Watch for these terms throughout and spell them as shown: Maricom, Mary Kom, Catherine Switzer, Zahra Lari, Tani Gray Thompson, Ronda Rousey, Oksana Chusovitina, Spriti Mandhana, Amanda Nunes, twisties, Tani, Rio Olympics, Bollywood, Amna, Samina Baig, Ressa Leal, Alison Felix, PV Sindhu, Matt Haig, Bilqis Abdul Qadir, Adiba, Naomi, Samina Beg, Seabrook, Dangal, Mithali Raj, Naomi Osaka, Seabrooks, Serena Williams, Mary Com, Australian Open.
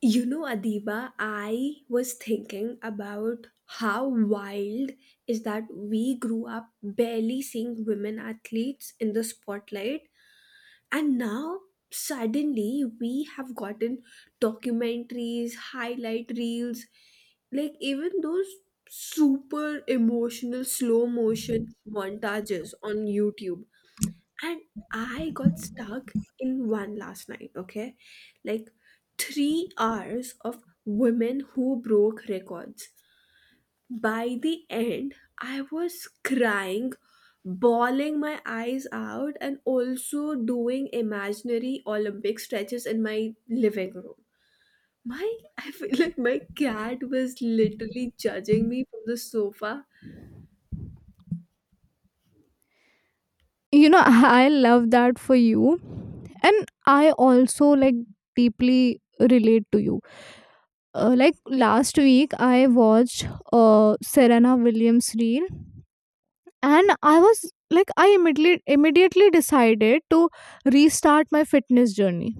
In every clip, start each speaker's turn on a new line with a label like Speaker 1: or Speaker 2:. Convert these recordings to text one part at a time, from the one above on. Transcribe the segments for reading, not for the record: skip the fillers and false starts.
Speaker 1: You know, Adiba, I was thinking about how wild is that we grew up barely seeing women athletes in the spotlight, and now suddenly we have gotten documentaries, highlight reels, like even those super emotional slow motion montages on YouTube. And I got stuck in one last night, okay? Like 3 hours of women who broke records. By the end, I was crying, bawling my eyes out, and also doing imaginary Olympic stretches in my living room. My, I feel like my cat was literally judging me from the sofa.
Speaker 2: you know I love that for you. And I also, like, deeply relate to you. Like last week I watched Serena Williams reel, and I was like, I immediately decided to restart my fitness journey.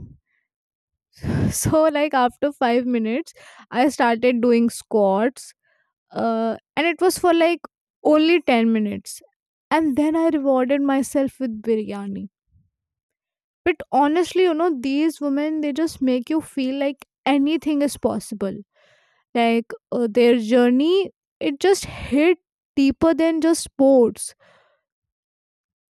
Speaker 2: So like, after 5 minutes, I started doing squats. And it was for like only 10 minutes, and then I rewarded myself with biryani. But honestly, you know, these women, they just make you feel like anything is possible. Like their journey, it just hit deeper than just sports.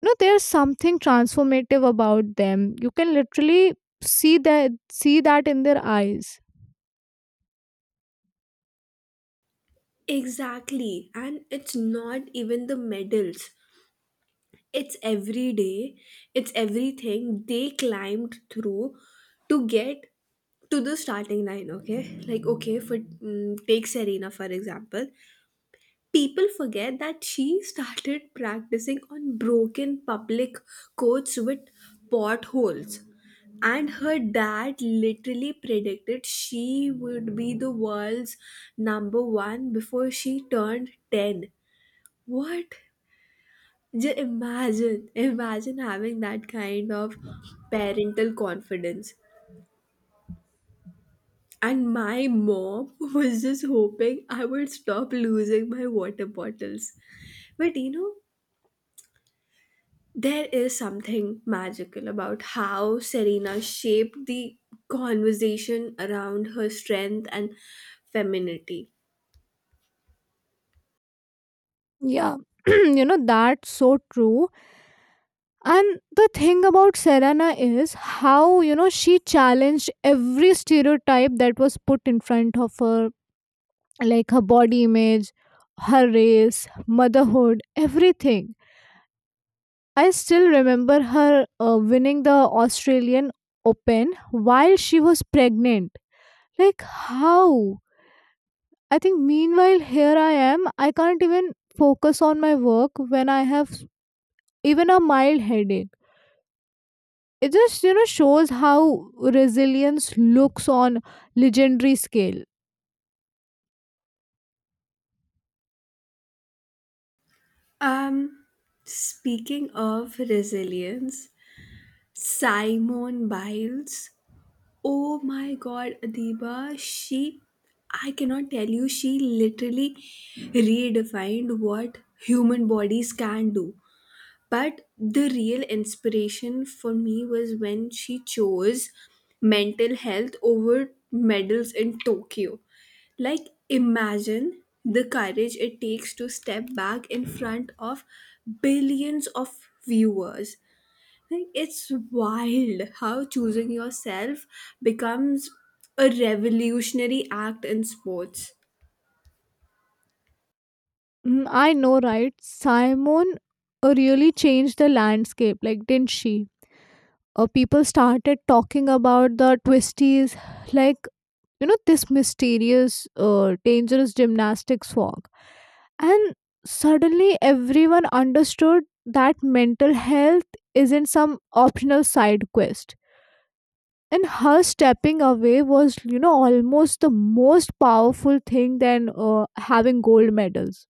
Speaker 2: You know, there's something transformative about them. You can literally see that in their eyes.
Speaker 1: Exactly. And it's not even the medals. It's every day, it's everything they climbed through to get to the starting line, okay? Like, okay, for take Serena for example. People forget that she started practicing on broken public courts with potholes, and her dad literally predicted she would be the world's number one before she turned 10. What, just imagine having that kind of parental confidence. And my mom was just hoping I would stop losing my water bottles. But you know, there is something magical about how Serena shaped the conversation around her strength and femininity.
Speaker 2: Yeah. You know, that's so true. And the thing about Serena is how, you know, she challenged every stereotype that was put in front of her, like her body image, her race, motherhood, everything. I still remember her winning the Australian Open while she was pregnant. Like, how? I think, meanwhile, here I am. I can't even focus on my work when I have even a mild headache. It just, you know, shows how resilience looks on legendary scale.
Speaker 1: Um, Speaking of resilience, Simone Biles. Oh my god, Adiba, she, I cannot tell you, she literally redefined what human bodies can do. But the real inspiration for me was when she chose mental health over medals in Tokyo. Like, imagine the courage it takes to step back in front of billions of viewers. Like, it's wild how choosing yourself becomes a revolutionary act in sports.
Speaker 2: Mm, I know, right? Simon really changed the landscape, like, didn't she? People started talking about the twisties, like, you know, this mysterious dangerous gymnastics form. And suddenly everyone understood that mental health isn't some optional side quest, and her stepping away was, you know, almost the most powerful thing than having gold medals.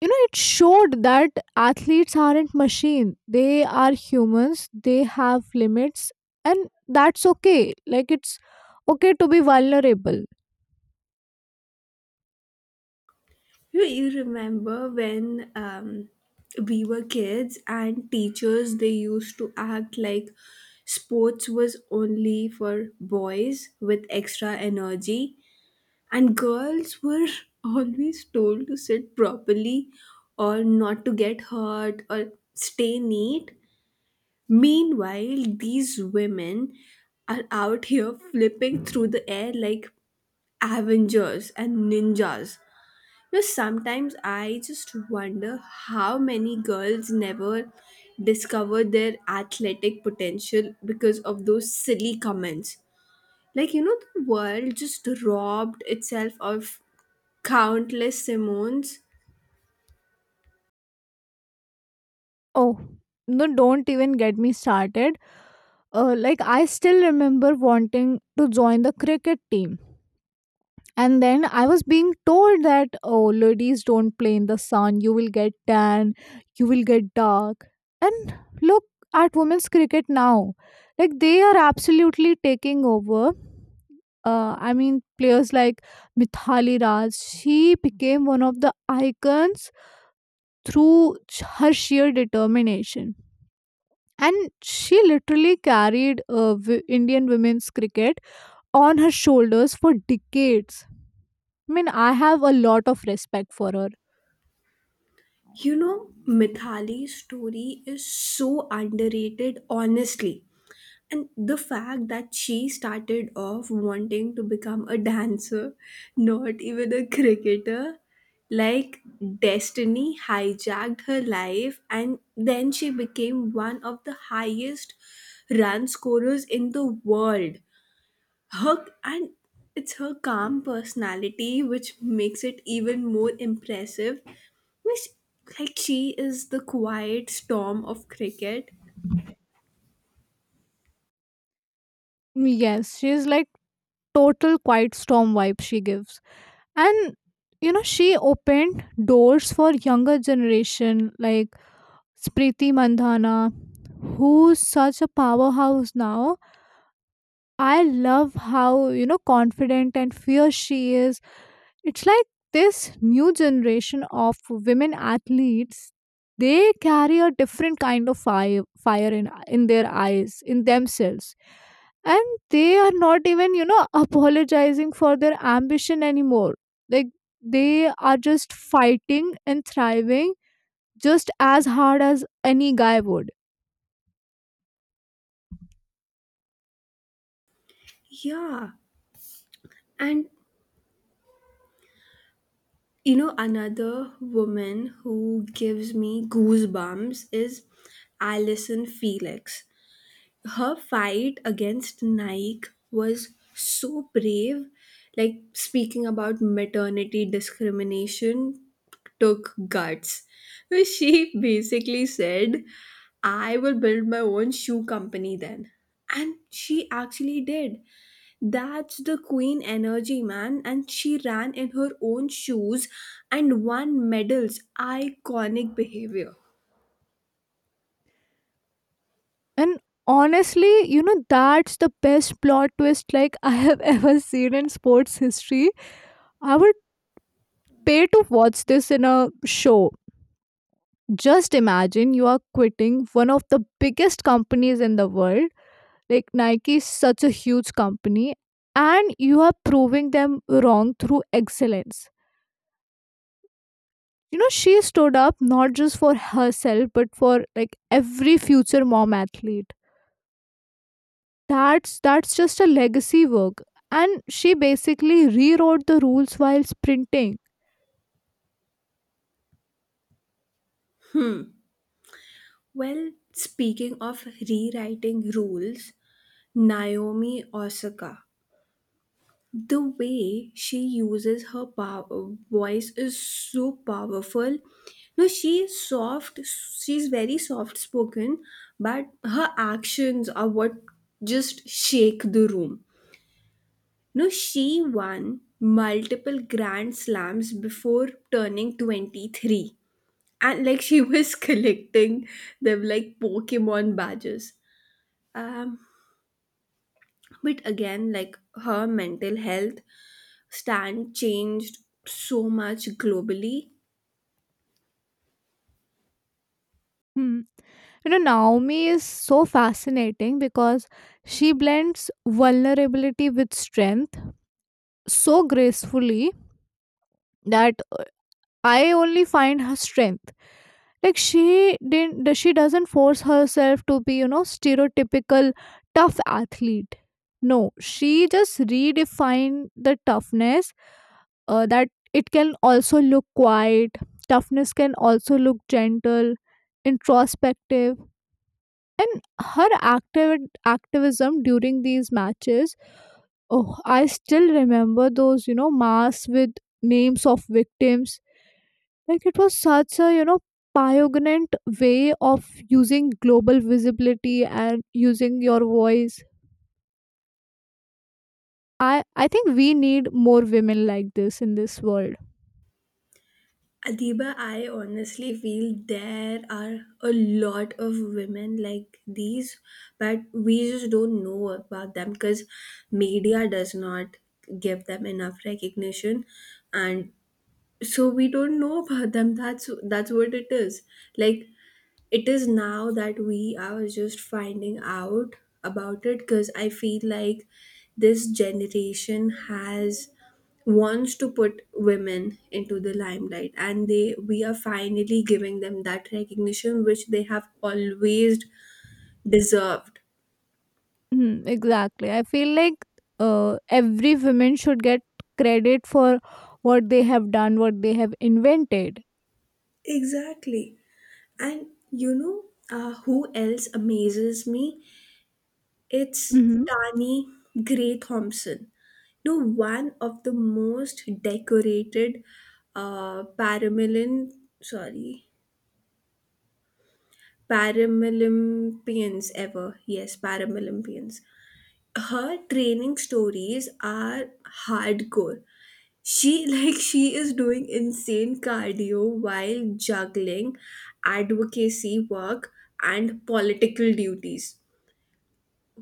Speaker 2: You know, it showed that athletes aren't machine, they are humans, they have limits, and that's okay. Like, it's okay to be vulnerable.
Speaker 1: You remember when we were kids and teachers they used to act like sports was only for boys with extra energy, and girls were always told to sit properly or not to get hurt or stay neat. Meanwhile, these women are out here flipping through the air like Avengers and ninjas. You know, sometimes I just wonder how many girls never discover their athletic potential because of those silly comments. Like, you know, the world just robbed itself of countless Simones.
Speaker 2: Oh, no, don't even get me started. Like I still remember wanting to join the cricket team, and then I was being told that, oh, ladies don't play in the sun, you will get tan, you will get dark. And look at women's cricket now. Like, they are absolutely taking over. I mean, players like Mithali Raj, she became one of the icons through her sheer determination. And she literally carried Indian women's cricket on her shoulders for decades. I mean, I have a lot of respect for her.
Speaker 1: You know, Mithali's story is so underrated, honestly. And the fact that she started off wanting to become a dancer, not even a cricketer, like destiny hijacked her life, and then she became one of the highest run scorers in the world. Her, and it's her calm personality which makes it even more impressive. Which, like, she is the quiet storm of cricket.
Speaker 2: Yes, she's like total quiet storm vibe she gives. And you know, she opened doors for younger generation like Spriti Mandhana, who's such a powerhouse now. I love how, you know, confident and fierce she is. It's like, this new generation of women athletes, they carry a different kind of fire, fire in their eyes, in themselves. And they are not even, you know, apologizing for their ambition anymore. Like, they are just fighting and thriving just as hard as any guy would.
Speaker 1: Yeah, and you know, another woman who gives me goosebumps is Alison Felix. Her fight against Nike was so brave. Like, speaking about maternity discrimination took guts. Where she basically said, I will build my own shoe company then. And she actually did. That's the queen energy, man. And she ran in her own shoes and won medals. Iconic behavior.
Speaker 2: And honestly, you know, that's the best plot twist like I have ever seen in sports history. I would pay to watch this in a show. Just imagine you are quitting one of the biggest companies in the world. Like, Nike is such a huge company, and you are proving them wrong through excellence. You know, she stood up not just for herself, but for like every future mom athlete. That's just a legacy work. And she basically rewrote the rules while sprinting.
Speaker 1: Well, speaking of rewriting rules, Naomi Osaka. The way she uses her power, voice is so powerful. No, she's soft. She's very soft spoken, but her actions are what just shake the room. No, she won multiple Grand Slams before turning 23. And like she was collecting them like Pokemon badges. Um, but again, like her mental health stand changed so much globally.
Speaker 2: Hmm. You know, Naomi is so fascinating because she blends vulnerability with strength so gracefully that I only find her strength. Like, she didn't, th- she doesn't force herself to be, you know, stereotypical tough athlete. No, she just redefined the toughness, that it can also look quiet. Toughness can also look gentle, introspective. And her active activism during these matches, oh, I still remember those, you know, masks with names of victims. Like, it was such a, you know, pioneering way of using global visibility and using your voice. I think we need more women like this in this world.
Speaker 1: Adiba, I honestly feel there are a lot of women like these, but we just don't know about them because media does not give them enough recognition, and so we don't know about them. That's what it is. Like, it is now that we are just finding out about it because I feel like this generation has, wants to put women into the limelight, and they, we are finally giving them that recognition which they have always deserved.
Speaker 2: Mm, exactly. I feel like every woman should get credit for what they have done, what they have invented.
Speaker 1: Exactly. And you know, who else amazes me? It's Tani Gray Thompson, no, one of the most decorated paramilin, sorry, Paralympians ever. Yes, Paralympians. Her training stories are hardcore. She like she is doing insane cardio while juggling advocacy work and political duties.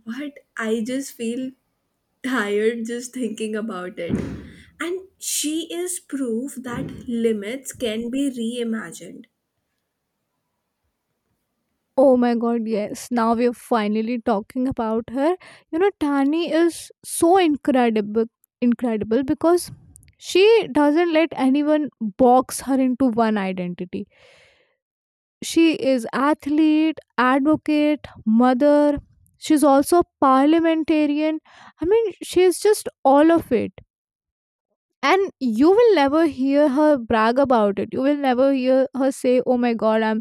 Speaker 1: What, I just feel tired just thinking about it. And she is proof that limits can be reimagined.
Speaker 2: Oh my god, yes. Now we are finally talking about her. You know, Tani is so incredible because she doesn't let anyone box her into one identity. She is athlete, advocate, mother. She's also parliamentarian. I mean, she is just all of it. And you will never hear her brag about it. You will never hear her say, oh my god, I'm,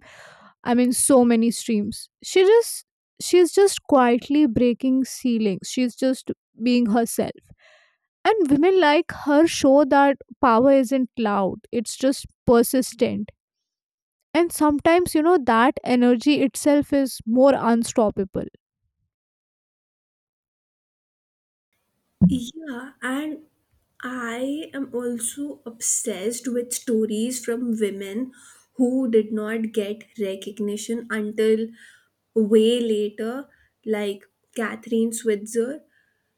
Speaker 2: I mean, so many streams. She just, she's just quietly breaking ceilings. She's just being herself. And women like her show that power isn't loud. It's just persistent. And sometimes, you know, that energy itself is more unstoppable.
Speaker 1: Yeah, and I am also obsessed with stories from women who did not get recognition until way later, like Catherine Switzer,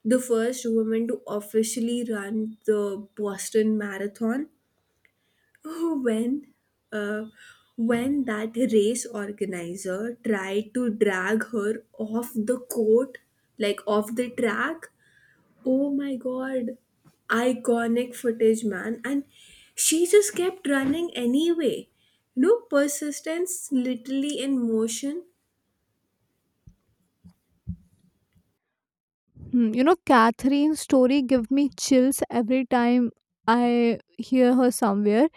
Speaker 1: the first woman to officially run the Boston Marathon when uh, when that race organizer tried to drag her off the court, like off the track. Oh my god, iconic footage, man. And she just kept running anyway. No, persistence literally in motion.
Speaker 2: Hmm. You know, Catherine's story give me chills every time I hear her somewhere.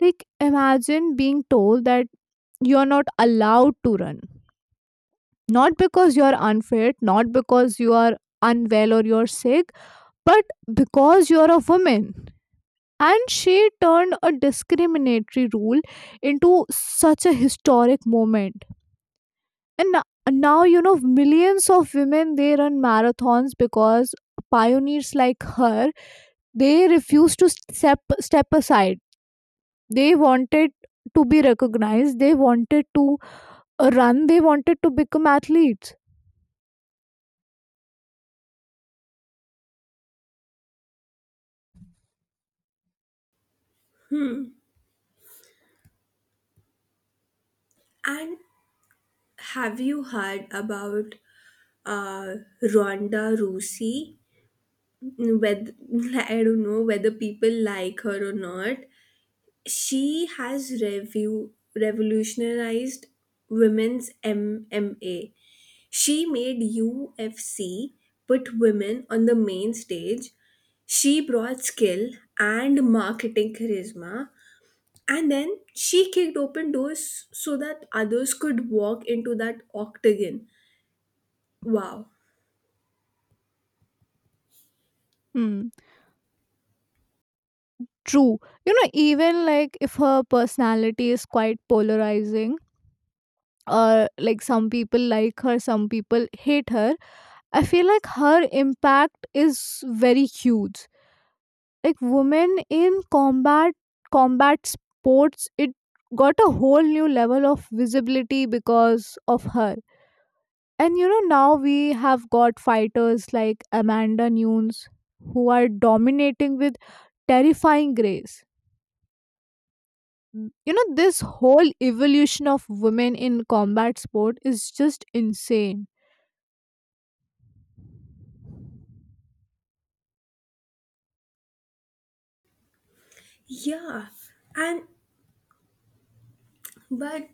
Speaker 2: Like, imagine being told that you're not allowed to run, not because you are unfit, not because you are unwell or you're sick, but because you're a woman. And she turned a discriminatory rule into such a historic moment. And now, you know, millions of women, they run marathons because pioneers like her, they refused to step aside. They wanted to be recognized, they wanted to run, they wanted to become athletes.
Speaker 1: And have you heard about uh Ronda Rousey? Whether, I don't know whether people like her or not, she has revolutionized women's MMA. She made UFC put women on the main stage. She brought skill and marketing charisma. And then she kicked open doors so that others could walk into that octagon. Wow.
Speaker 2: Hmm. True. You know, even like, if her personality is quite polarizing, or like some people like her, some people hate her, I feel like her impact is very huge. Like, women in combat sports, it got a whole new level of visibility because of her. And you know, now we have got fighters like Amanda Nunes, who are dominating with terrifying grace. You know, this whole evolution of women in combat sport is just insane.
Speaker 1: Yeah. And but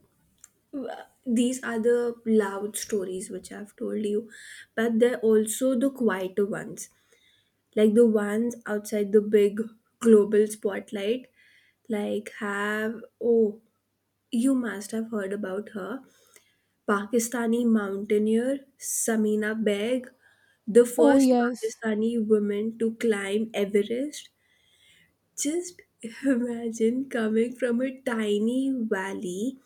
Speaker 1: these are the loud stories which I've told you, but they're also the quieter ones. Like the ones outside the big global spotlight, like, have, oh, you must have heard about her, Pakistani mountaineer Samina Beg, the
Speaker 2: Oh,
Speaker 1: first
Speaker 2: yes.
Speaker 1: Pakistani woman to climb Everest. Just imagine coming from a tiny valley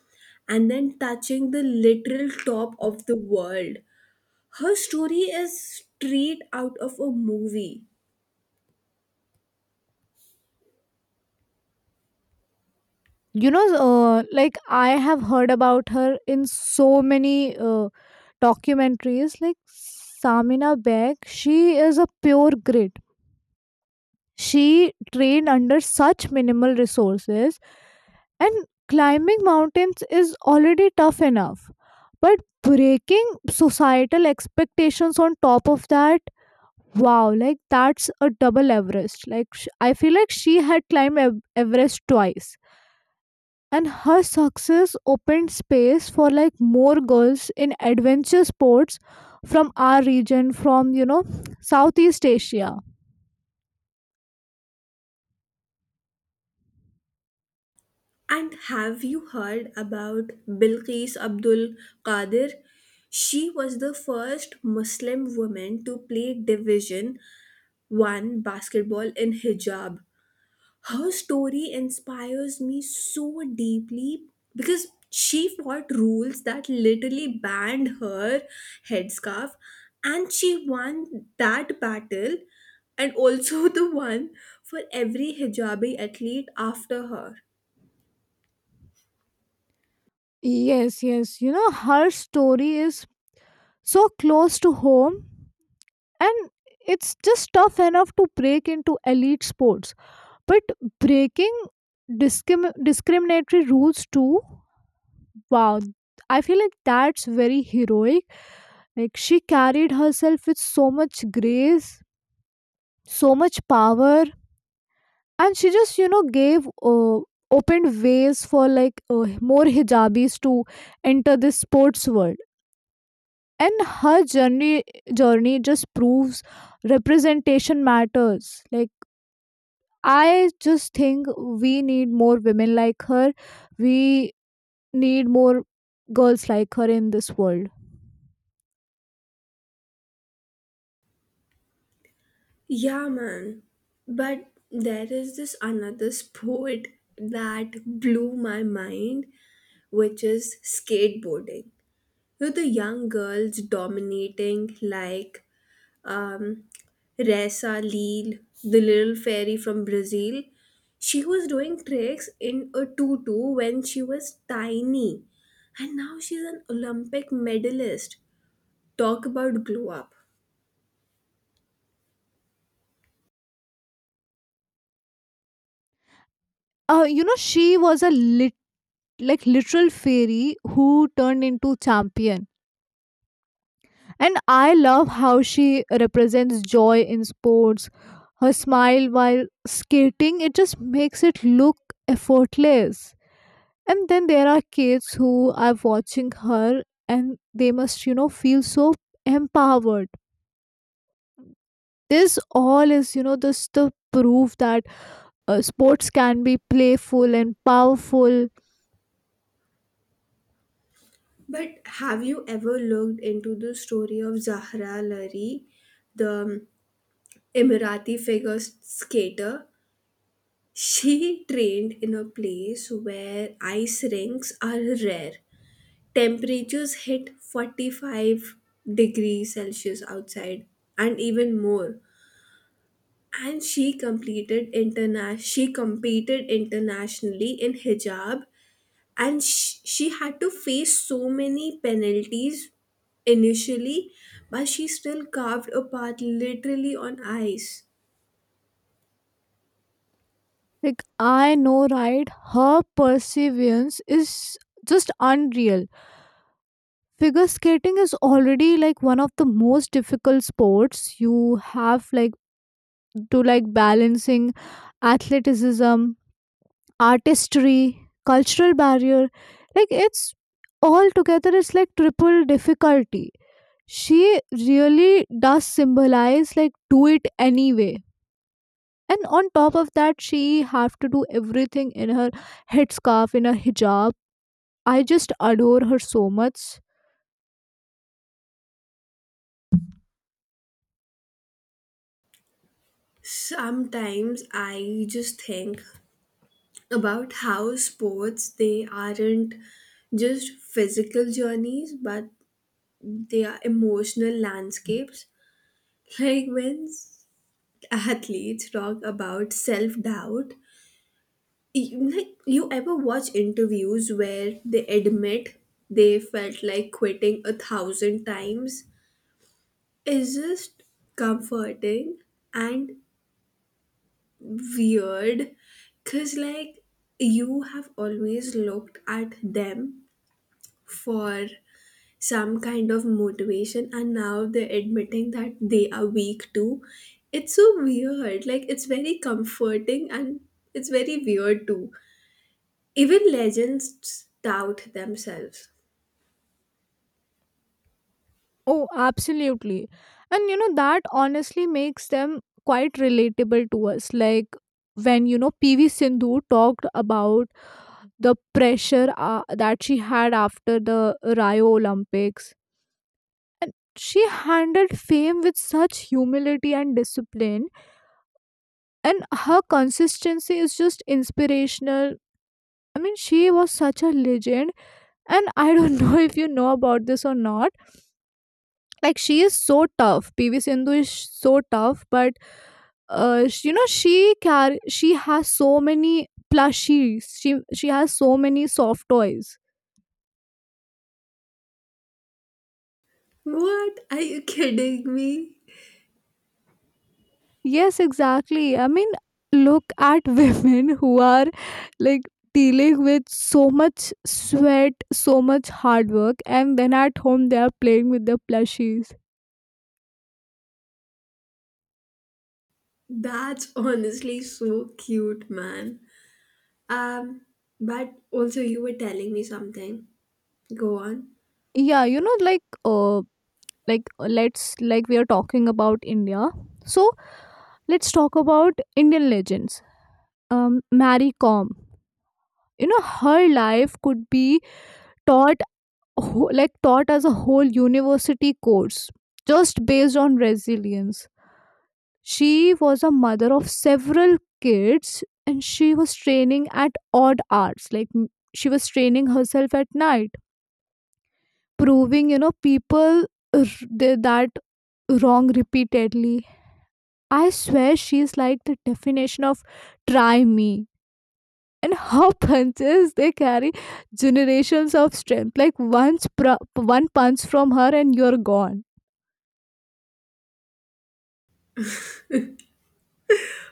Speaker 1: and then touching the literal top of the world. Her story is straight out of a movie.
Speaker 2: You know, like I have heard about her in so many documentaries. Like, Samina Beg, she is a pure grit. She trained under such minimal resources, and climbing mountains is already tough enough. But breaking societal expectations on top of that, wow, like, that's a double Everest. Like, I feel like she had climbed Everest twice. And her success opened space for like more girls in adventure sports from our region, from, you know, Southeast Asia.
Speaker 1: And have you heard about Bilqis Abdul Qadir? She was the first Muslim woman to play Division 1 basketball in hijab. Her story inspires me so deeply because she fought rules that literally banned her headscarf, and she won that battle, and also the one for every hijabi athlete after her.
Speaker 2: Yes, yes. You know, her story is so close to home, and it's just tough enough to break into elite sports, but breaking discriminatory rules too, wow, I feel like that's very heroic. Like, she carried herself with so much grace, so much power. And she just, you know, gave opened ways for like more hijabis to enter this sports world. And her journey just proves representation matters. Like, I just think we need more women like her. We need more girls like her in this world.
Speaker 1: Yeah, man. But there is this another sport that blew my mind, which is skateboarding. With the young girls dominating, like, um, Ressa Leal, the little fairy from Brazil. She was doing tricks in a tutu when she was tiny, and now she's an Olympic medalist. Talk about glow up.
Speaker 2: You know, she was a lit- like literal fairy who turned into champion. And I love how she represents joy in sports. Her smile while skating, it just makes it look effortless. And then there are kids who are watching her, and they must, you know, feel so empowered. This all is, you know, this the proof that sports can be playful and powerful.
Speaker 1: But have you ever looked into the story of Zahra Lari, the Emirati figure skater? She trained in a place where ice rinks are rare. Temperatures hit 45 degrees Celsius outside and even more. And she she competed internationally in hijab, and she had to face so many penalties initially, but she still carved a path literally on ice.
Speaker 2: Like, I know, right? Her perseverance is just unreal. Figure skating is already like one of the most difficult sports. You have like to like balancing athleticism, artistry, cultural barrier. Like, it's all together it's like triple difficulty. She really does symbolize like, do it anyway. And on top of that, she have to do everything in her headscarf, in her hijab. I just adore her so much.
Speaker 1: Sometimes I just think about how sports, they aren't just physical journeys, but they are emotional landscapes. Like when athletes talk about self doubt, you, like, you ever watch interviews where they admit they felt like quitting a thousand times? It's just comforting and weird, because like, you have always looked at them for some kind of motivation, and now they're admitting that they are weak too. It's so weird, like it's very comforting and it's very weird too. Even legends doubt themselves.
Speaker 2: Oh, absolutely. And you know, that honestly makes them quite relatable to us. Like, when, you know, PV Sindhu talked about the pressure that she had after the Rio Olympics. And she handled fame with such humility and discipline. And her consistency is just inspirational. I mean, she was such a legend. And I don't know if you know about this or not. Like, she is so tough. PV Sindhu is so tough, but you know, she has so many plushies. She has so many soft toys.
Speaker 1: What? Are you kidding me?
Speaker 2: Yes, exactly. I mean, look at women who are like, dealing with so much sweat, so much hard work, and then at home they are playing with their plushies.
Speaker 1: That's honestly so cute, man. Um, but also, you were telling me something. Go on.
Speaker 2: Yeah, you know, let's like, we are talking about India, so let's talk about Indian legends. Mary Kom. You know, her life could be taught wh- like taught as a whole university course just based on resilience. She was a mother of several kids and she was training at odd hours. She was training herself at night, proving, you know, r- that wrong repeatedly. I swear she is like the definition of try me. And her punches they carry generations of strength. Like, one punch from her and you're gone.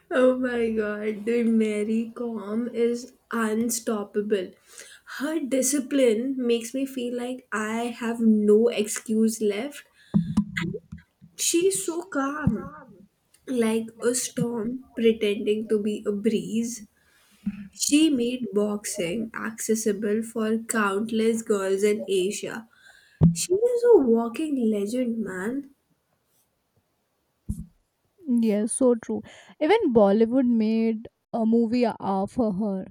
Speaker 1: Oh my god, dude, Mary Com is unstoppable. Her discipline makes me feel like I have no excuse left. She's so calm, like a storm pretending to be a breeze. She made boxing accessible for countless girls in Asia. She is a walking legend, man.
Speaker 2: Yes, so true. Even Bollywood made a movie for her.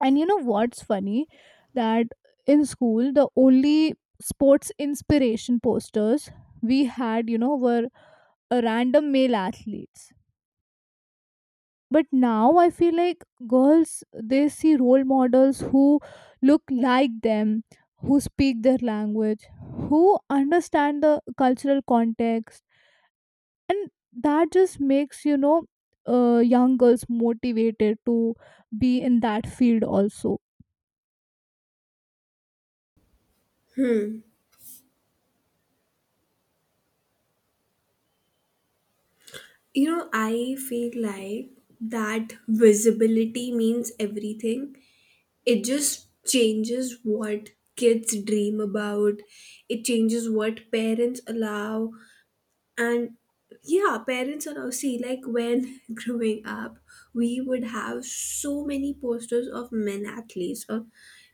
Speaker 2: And you know what's funny? That in school, the only sports inspiration posters we had, you know, were a random male athletes. But now I feel like girls, they see role models who look like them, who speak their language, who understand the cultural context. And that just makes, you know, young girls motivated to be in that field also.
Speaker 1: You know, I feel like that visibility means everything. It just changes what kids dream about, it changes what parents allow, and yeah, parents are now see, like, when growing up we would have so many posters of men athletes or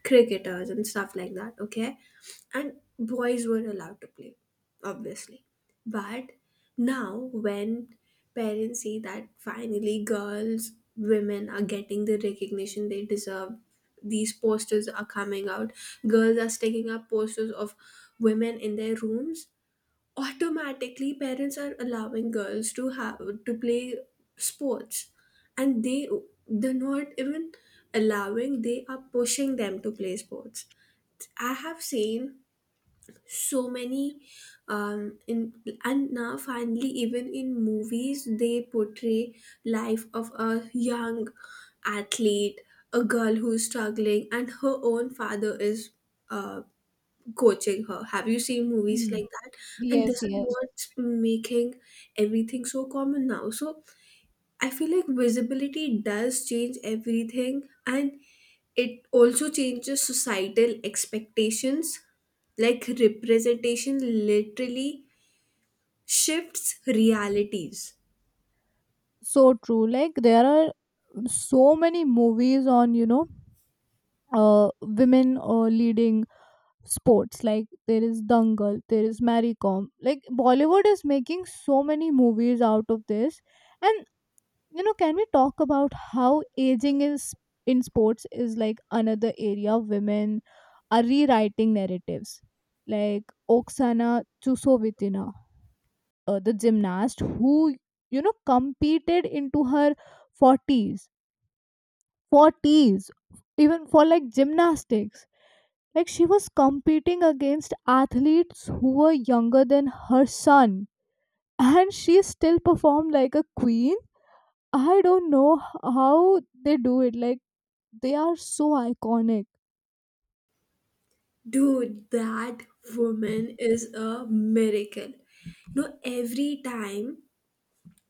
Speaker 1: cricketers and stuff like that, okay? And boys were allowed to play, obviously, but now when parents see that finally girls, women are getting the recognition they deserve, these posters are coming out, girls are sticking up posters of women in their rooms, automatically parents are allowing girls to have, to play sports. And they, they're not even allowing, they are pushing them to play sports. I have seen so many, in, and now finally even in movies they portray life of a young athlete, a girl who's struggling and her own father is uh, coaching her. Have you seen movies like
Speaker 2: Hmm.
Speaker 1: that? And
Speaker 2: Yes,
Speaker 1: this is
Speaker 2: yes.
Speaker 1: what's making everything so common now. So I feel like visibility does change everything, and it also changes societal expectations. Like representation literally shifts realities.
Speaker 2: So true. Like, there are so many movies on, you know, women leading sports. Like, there is Dangal, there is Maricom, like, Bollywood is making so many movies out of this. And you know, can we talk about how aging is in sports is like another area women are rewriting narratives? Like, Oksana Chusovitina, the gymnast who, you know, competed into her 40s 40s. Even for like gymnastics, like, she was competing against athletes who were younger than her son, and she still performed like a queen. I don't know how they do it. Like, they are so iconic.
Speaker 1: Dude, that woman is a miracle. No, every time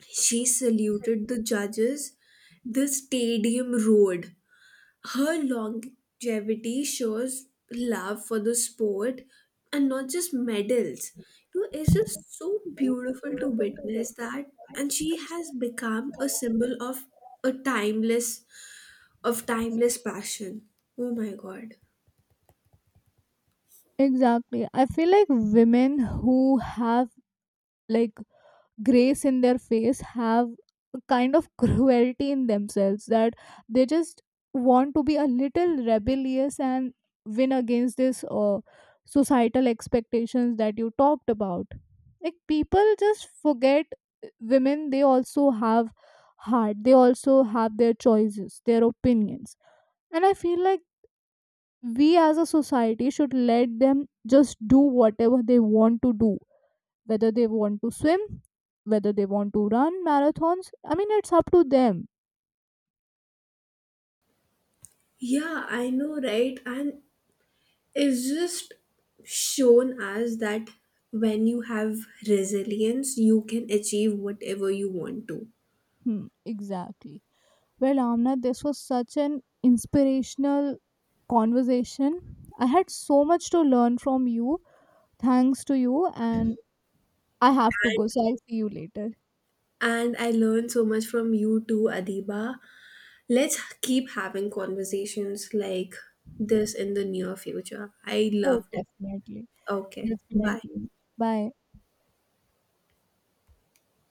Speaker 1: she saluted the judges, the stadium roared. Her longevity shows love for the sport and not just medals. You know, it's just so beautiful to witness that, and she has become a symbol of a timeless, of timeless passion. Oh my god.
Speaker 2: Exactly. I feel like women who have like grace in their face have a kind of cruelty in themselves that they just want to be a little rebellious and win against this societal expectations that you talked about. Like, people just forget women, they also have heart, they also have their choices, their opinions. And I feel like we as a society should let them just do whatever they want to do, whether they want to swim, whether they want to run marathons. I mean, it's up to them.
Speaker 1: Yeah, I know, right? And it's just shown as that when you have resilience, you can achieve whatever you want to.
Speaker 2: Hmm, exactly. Well, Amna, this was such an inspirational conversation. I had so much to learn from you. Thanks to you, and I have to go, so I'll see you later.
Speaker 1: And I learned so much from you too, Adiba. Let's keep having conversations like this in the near future. I
Speaker 2: Oh,
Speaker 1: love it.
Speaker 2: definitely.
Speaker 1: Okay, bye.
Speaker 2: Definitely. Bye.